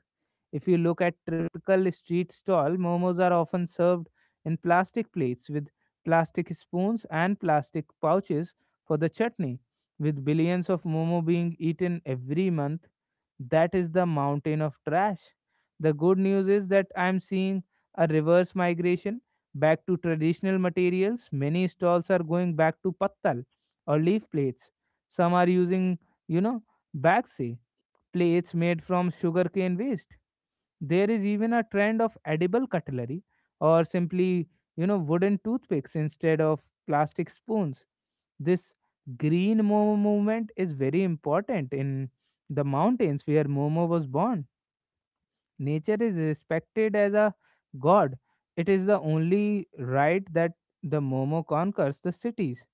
If you look at typical street stall, momos are often served in plastic plates with plastic spoons and plastic pouches for the chutney. With billions of momo being eaten every month, that is the mountain of trash. The good news is that I'm seeing a reverse migration back to traditional materials. Many stalls are going back to pattal or leaf plates. Some are using, you know, baxi, plates made from sugarcane waste. There is even a trend of edible cutlery or simply, wooden toothpicks instead of plastic spoons. This green Momo movement is very important in the mountains where Momo was born. Nature is respected as a god. It is the only right that the Momo conquers the cities.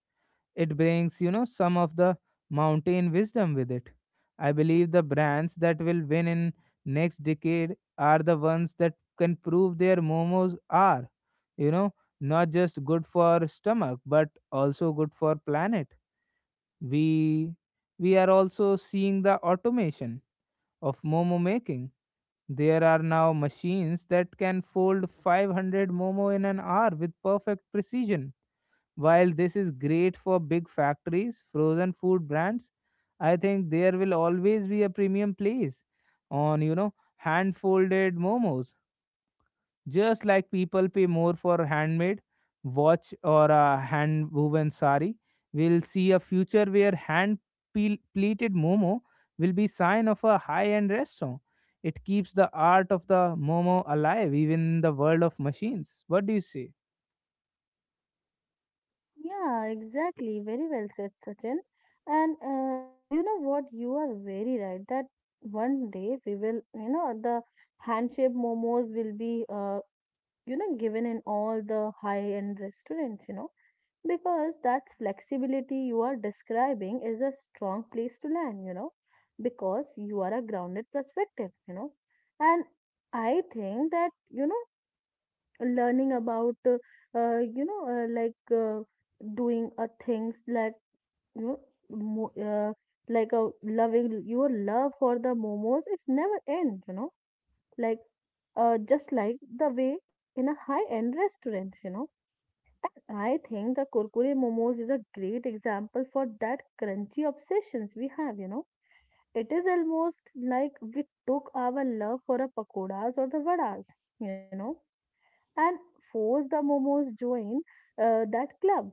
It brings, some of the mountain wisdom with it. I believe the brands that will win in next decade are the ones that can prove their momos are, you know, not just good for stomach but also good for planet. We we are also seeing the automation of momo making. There are now machines that can fold 500 momo in an hour with perfect precision. While this is great for big factories, frozen food brands, I think there will always be a premium place on, hand folded momos. Just like people pay more for handmade watch or a hand woven sari, we'll see a future where hand pleated momo will be sign of a high end restaurant. It keeps the art of the momo alive even in the world of machines. What do you say? Yeah, exactly. Very well said, Sachin. And you know what? You are very right that one day we will, you know, the handshake momos will be, you know, given in all the high-end restaurants, you know, because that's flexibility you are describing is a strong place to land, you know, because you are a grounded perspective, you know. And I think that, you know, learning about you know like doing things like you know mo- uh, like a loving your love for the momos is never end, you know, like just like the way in a high end restaurant, you know. And I think the kurkure momos is a great example for that crunchy obsessions we have, you know. It is almost like we took our love for a pakoras or the vadas, you know, and force the momos join that club.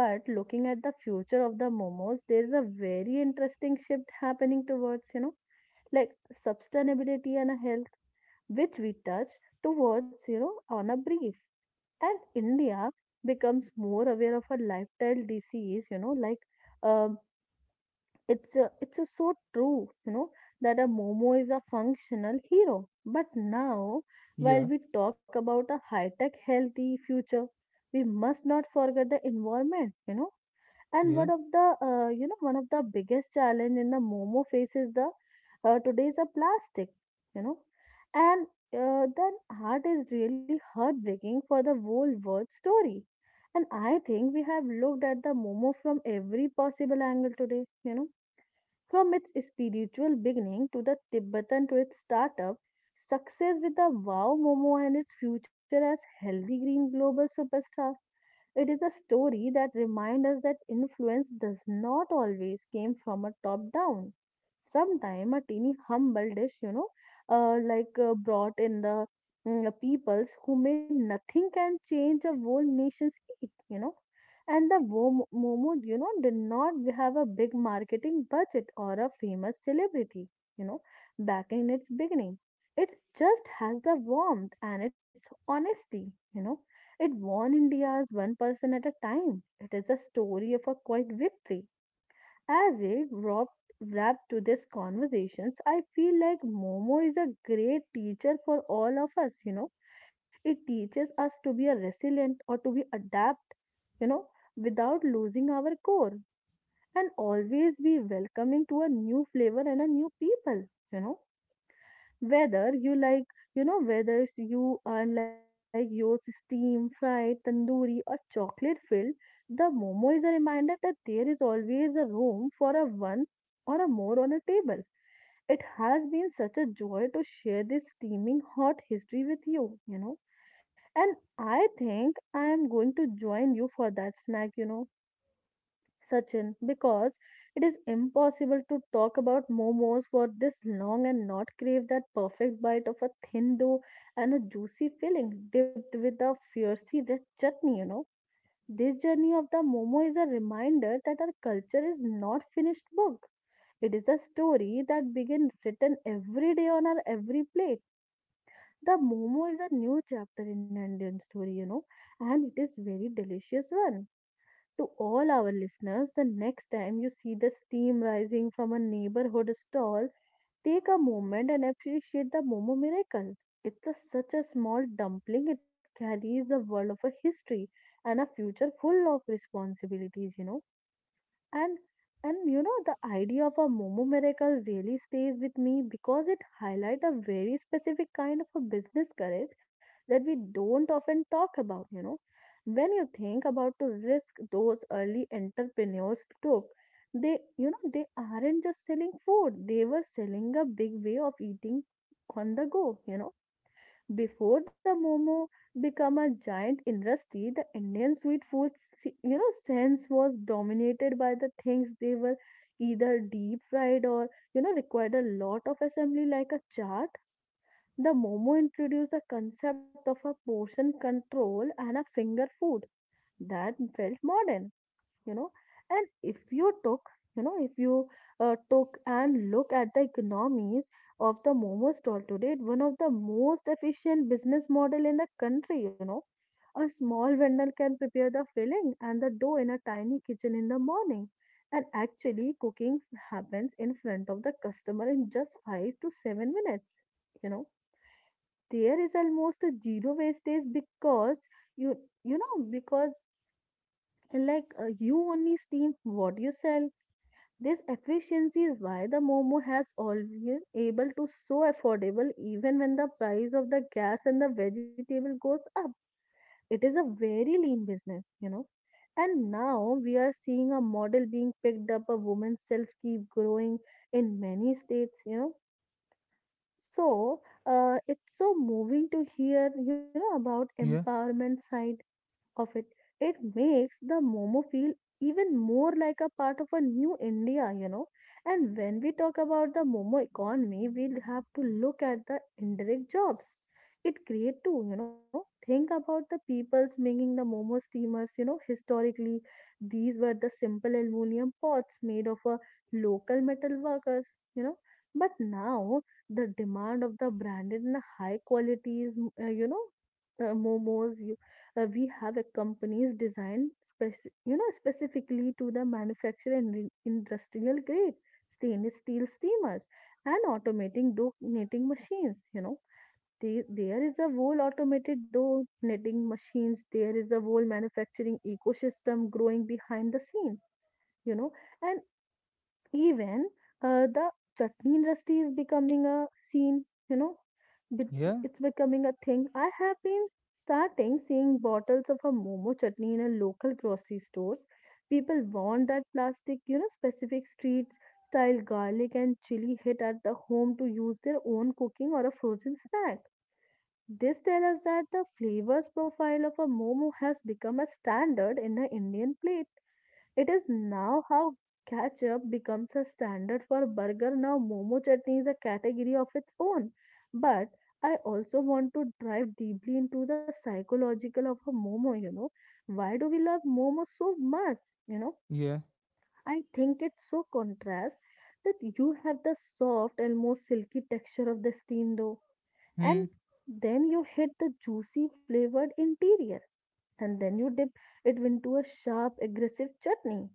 But looking at the future of the momos there is a very interesting shift happening towards, you know, like sustainability and health, which we touch towards, you know, on a brief. And india becomes more aware of a lifestyle disease, you know, um, it's a so true, you know, that a Momo is a functional hero. But now, while Yeah, we talk about a high-tech, healthy future, we must not forget the environment, you know. And one yeah, of the, you know, one of the biggest challenge in the Momo faces the today's a plastic, you know. And then art is really heartbreaking for the whole world story. And I think we have looked at the Momo from every possible angle today, you know, from its spiritual beginning to the Tibetan to its startup, success with the wow Momo and its future as healthy green global superstar, it is a story that reminds us that influence does not always came from a top down. Sometimes a teeny humble dish, you know, brought in the peoples who made nothing can change a whole nation's fate, you know. And the Momo, you know, did not have a big marketing budget or a famous celebrity, you know, back in its beginning. It just has the warmth and its honesty, you know. It won India's one person at a time. It is a story of a quiet victory. As a wrap to this conversations, I feel like Momo is a great teacher for all of us, you know. It teaches us to be a resilient or to be adapt, you know, without losing our core and always be welcoming to a new flavor and a new people, you know. Whether you like, you know, whether it's you are like yours steam, fried, tandoori, or chocolate filled, the momo is a reminder that there is always a room for a one or a more on a table. It has been such a joy to share this steaming hot history with you, you know. And I think I am going to join you for that snack, you know. Sachin, because it is impossible to talk about momos for this long and not crave that perfect bite of a thin dough and a juicy filling dipped with a fiery red chutney, you know. This journey of the momo is a reminder that our culture is not finished book. It is a story that begins written every day on our every plate. The momo is a new chapter in Indian story, you know, and it is very delicious one to all our listeners the next time you see the steam rising from a neighborhood stall, take a moment and appreciate the Momo miracle. It's a, such a small dumpling, it carries the world of a history and a future full of responsibilities, you know. And and you know the idea of a momo miracle really stays with me because it highlights a very specific kind of a business courage that we don't often talk about, you know. When you think about the risk those early entrepreneurs took, they, you know, they aren't just selling food, they were selling a big way of eating on the go, you know. Before the momo became a giant industry, the Indian sweet food, you know, sense was dominated by the things they were either deep fried or, you know, required a lot of assembly like a chart. The momo introduced the concept of a portion control and a finger food that felt modern, you know. And if you took, you know, if you took and look at the economies of the momo stall today, it's one of the most efficient business model in the country, you know. A small vendor can prepare the filling and the dough in a tiny kitchen in the morning and actually cooking happens in front of the customer in just 5 to 7 minutes, you know. There is almost a zero wastage because you you know because you only steam what you sell. This efficiency is why the Momo has always able to so affordable even when the price of the gas and the vegetable goes up. It is a very lean business, you know. And now we are seeing a model being picked up, a woman's self keep growing in many states, you know. So it's so moving to hear, you know, about yeah, empowerment side of it. It makes the Momo feel even more like a part of a new India, you know. And when we talk about the Momo economy, we'll have to look at the indirect jobs it create too, you know. Think about the peoples making the Momo steamers, you know, historically, these were the simple aluminum pots made of a local metal workers, you know. But now the demand of the branded and high qualities, uh, you know, momos we have a companies designed you know specifically to the manufacture and industrial grade stainless steel steamers and automating dough knitting machines, you know. There is a whole automated dough knitting machines, there is a whole manufacturing ecosystem growing behind the scene, you know. And even the chutney industry is becoming a scene, you know, be- yeah, it's becoming a thing. I have been starting seeing bottles of a momo chutney in a local grocery stores. People want that plastic, you know, specific streets style garlic and chili hit at the home to use their own cooking or a frozen snack. This tells us that the flavors profile of a momo has become a standard in the indian plate. It is now how ketchup becomes a standard for burger. Now, momo chutney is a category of its own. But I also want to dive deeply into the psychological of a momo, you know. Why do we love momo so much? You know, yeah. I think it's so contrast that you have the soft, and almost silky texture of the steamed dough, Hmm. and then you hit the juicy flavored interior and then you dip it into a sharp, aggressive chutney.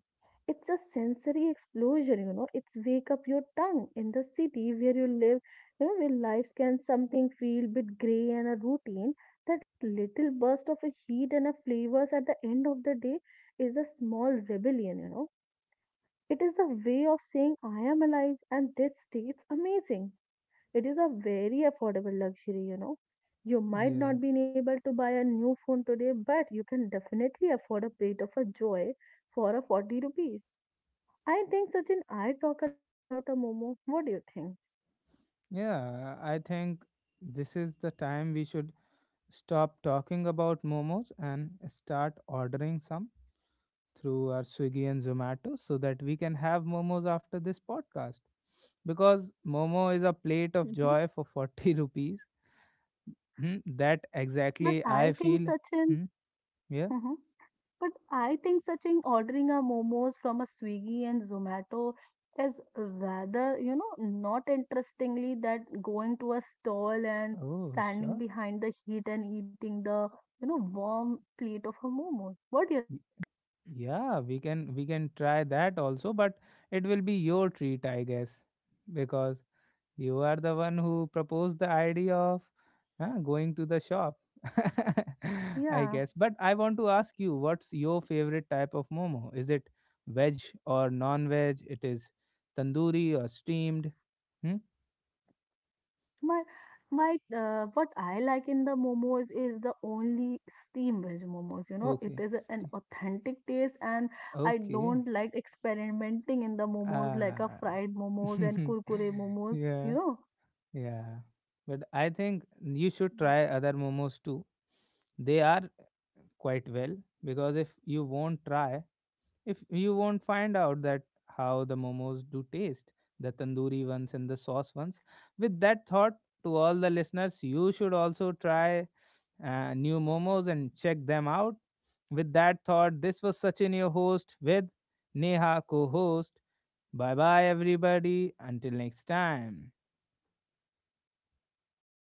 It's a sensory explosion, you know. It's wake up your tongue in the city where you live, you know, where life can something feel bit gray and a routine. That little burst of a heat and a flavors at the end of the day is a small rebellion, you know. It is a way of saying I am alive and that state's amazing. It is a very affordable luxury, you know. You might Yeah. not be able to buy a new phone today, but you can definitely afford a plate of a joy for a 40 rupees. I think, Sachin, I talk a lot about a Momo. What do you think? Yeah. I think this is the time we should stop talking about momos and start ordering some through our Swiggy and Zomato, so that we can have momos after this podcast. Because momo is a plate of Mhm. joy for 40 rupees. Hmm, that But exactly I I think, feel. Sachin, Hmm, yeah. uh-huh. But I think searching ordering a momos from a Swiggy and Zomato is rather, you know, not interestingly that going to a stall and Oh, standing sure. behind the heat and eating the, you know, warm plate of a momo. What do you Y- think? Yeah, we can try that also, but it will be your treat, I guess, because you are the one who proposed the idea of going to the shop. I Yeah. guess. But I want to ask you, what's your favorite type of momo? Is it veg or non-veg? It is tandoori or steamed? Hmm? My my what I like in the momos is the only steam veg momos. You know, it Okay. is an authentic taste, and I Okay. don't like experimenting in the momos like a Ah. fried momos and kurkure momos. Yeah. You know. Yeah. But I think you should try other momos too. They are quite well because if you won't try, if you won't find out that how the momos do taste, the tandoori ones and the sauce ones. With that thought, to all the listeners, you should also try new momos and check them out. With that thought, this was Sachin, your host, with Neha, co host. Bye bye, everybody. Until next time.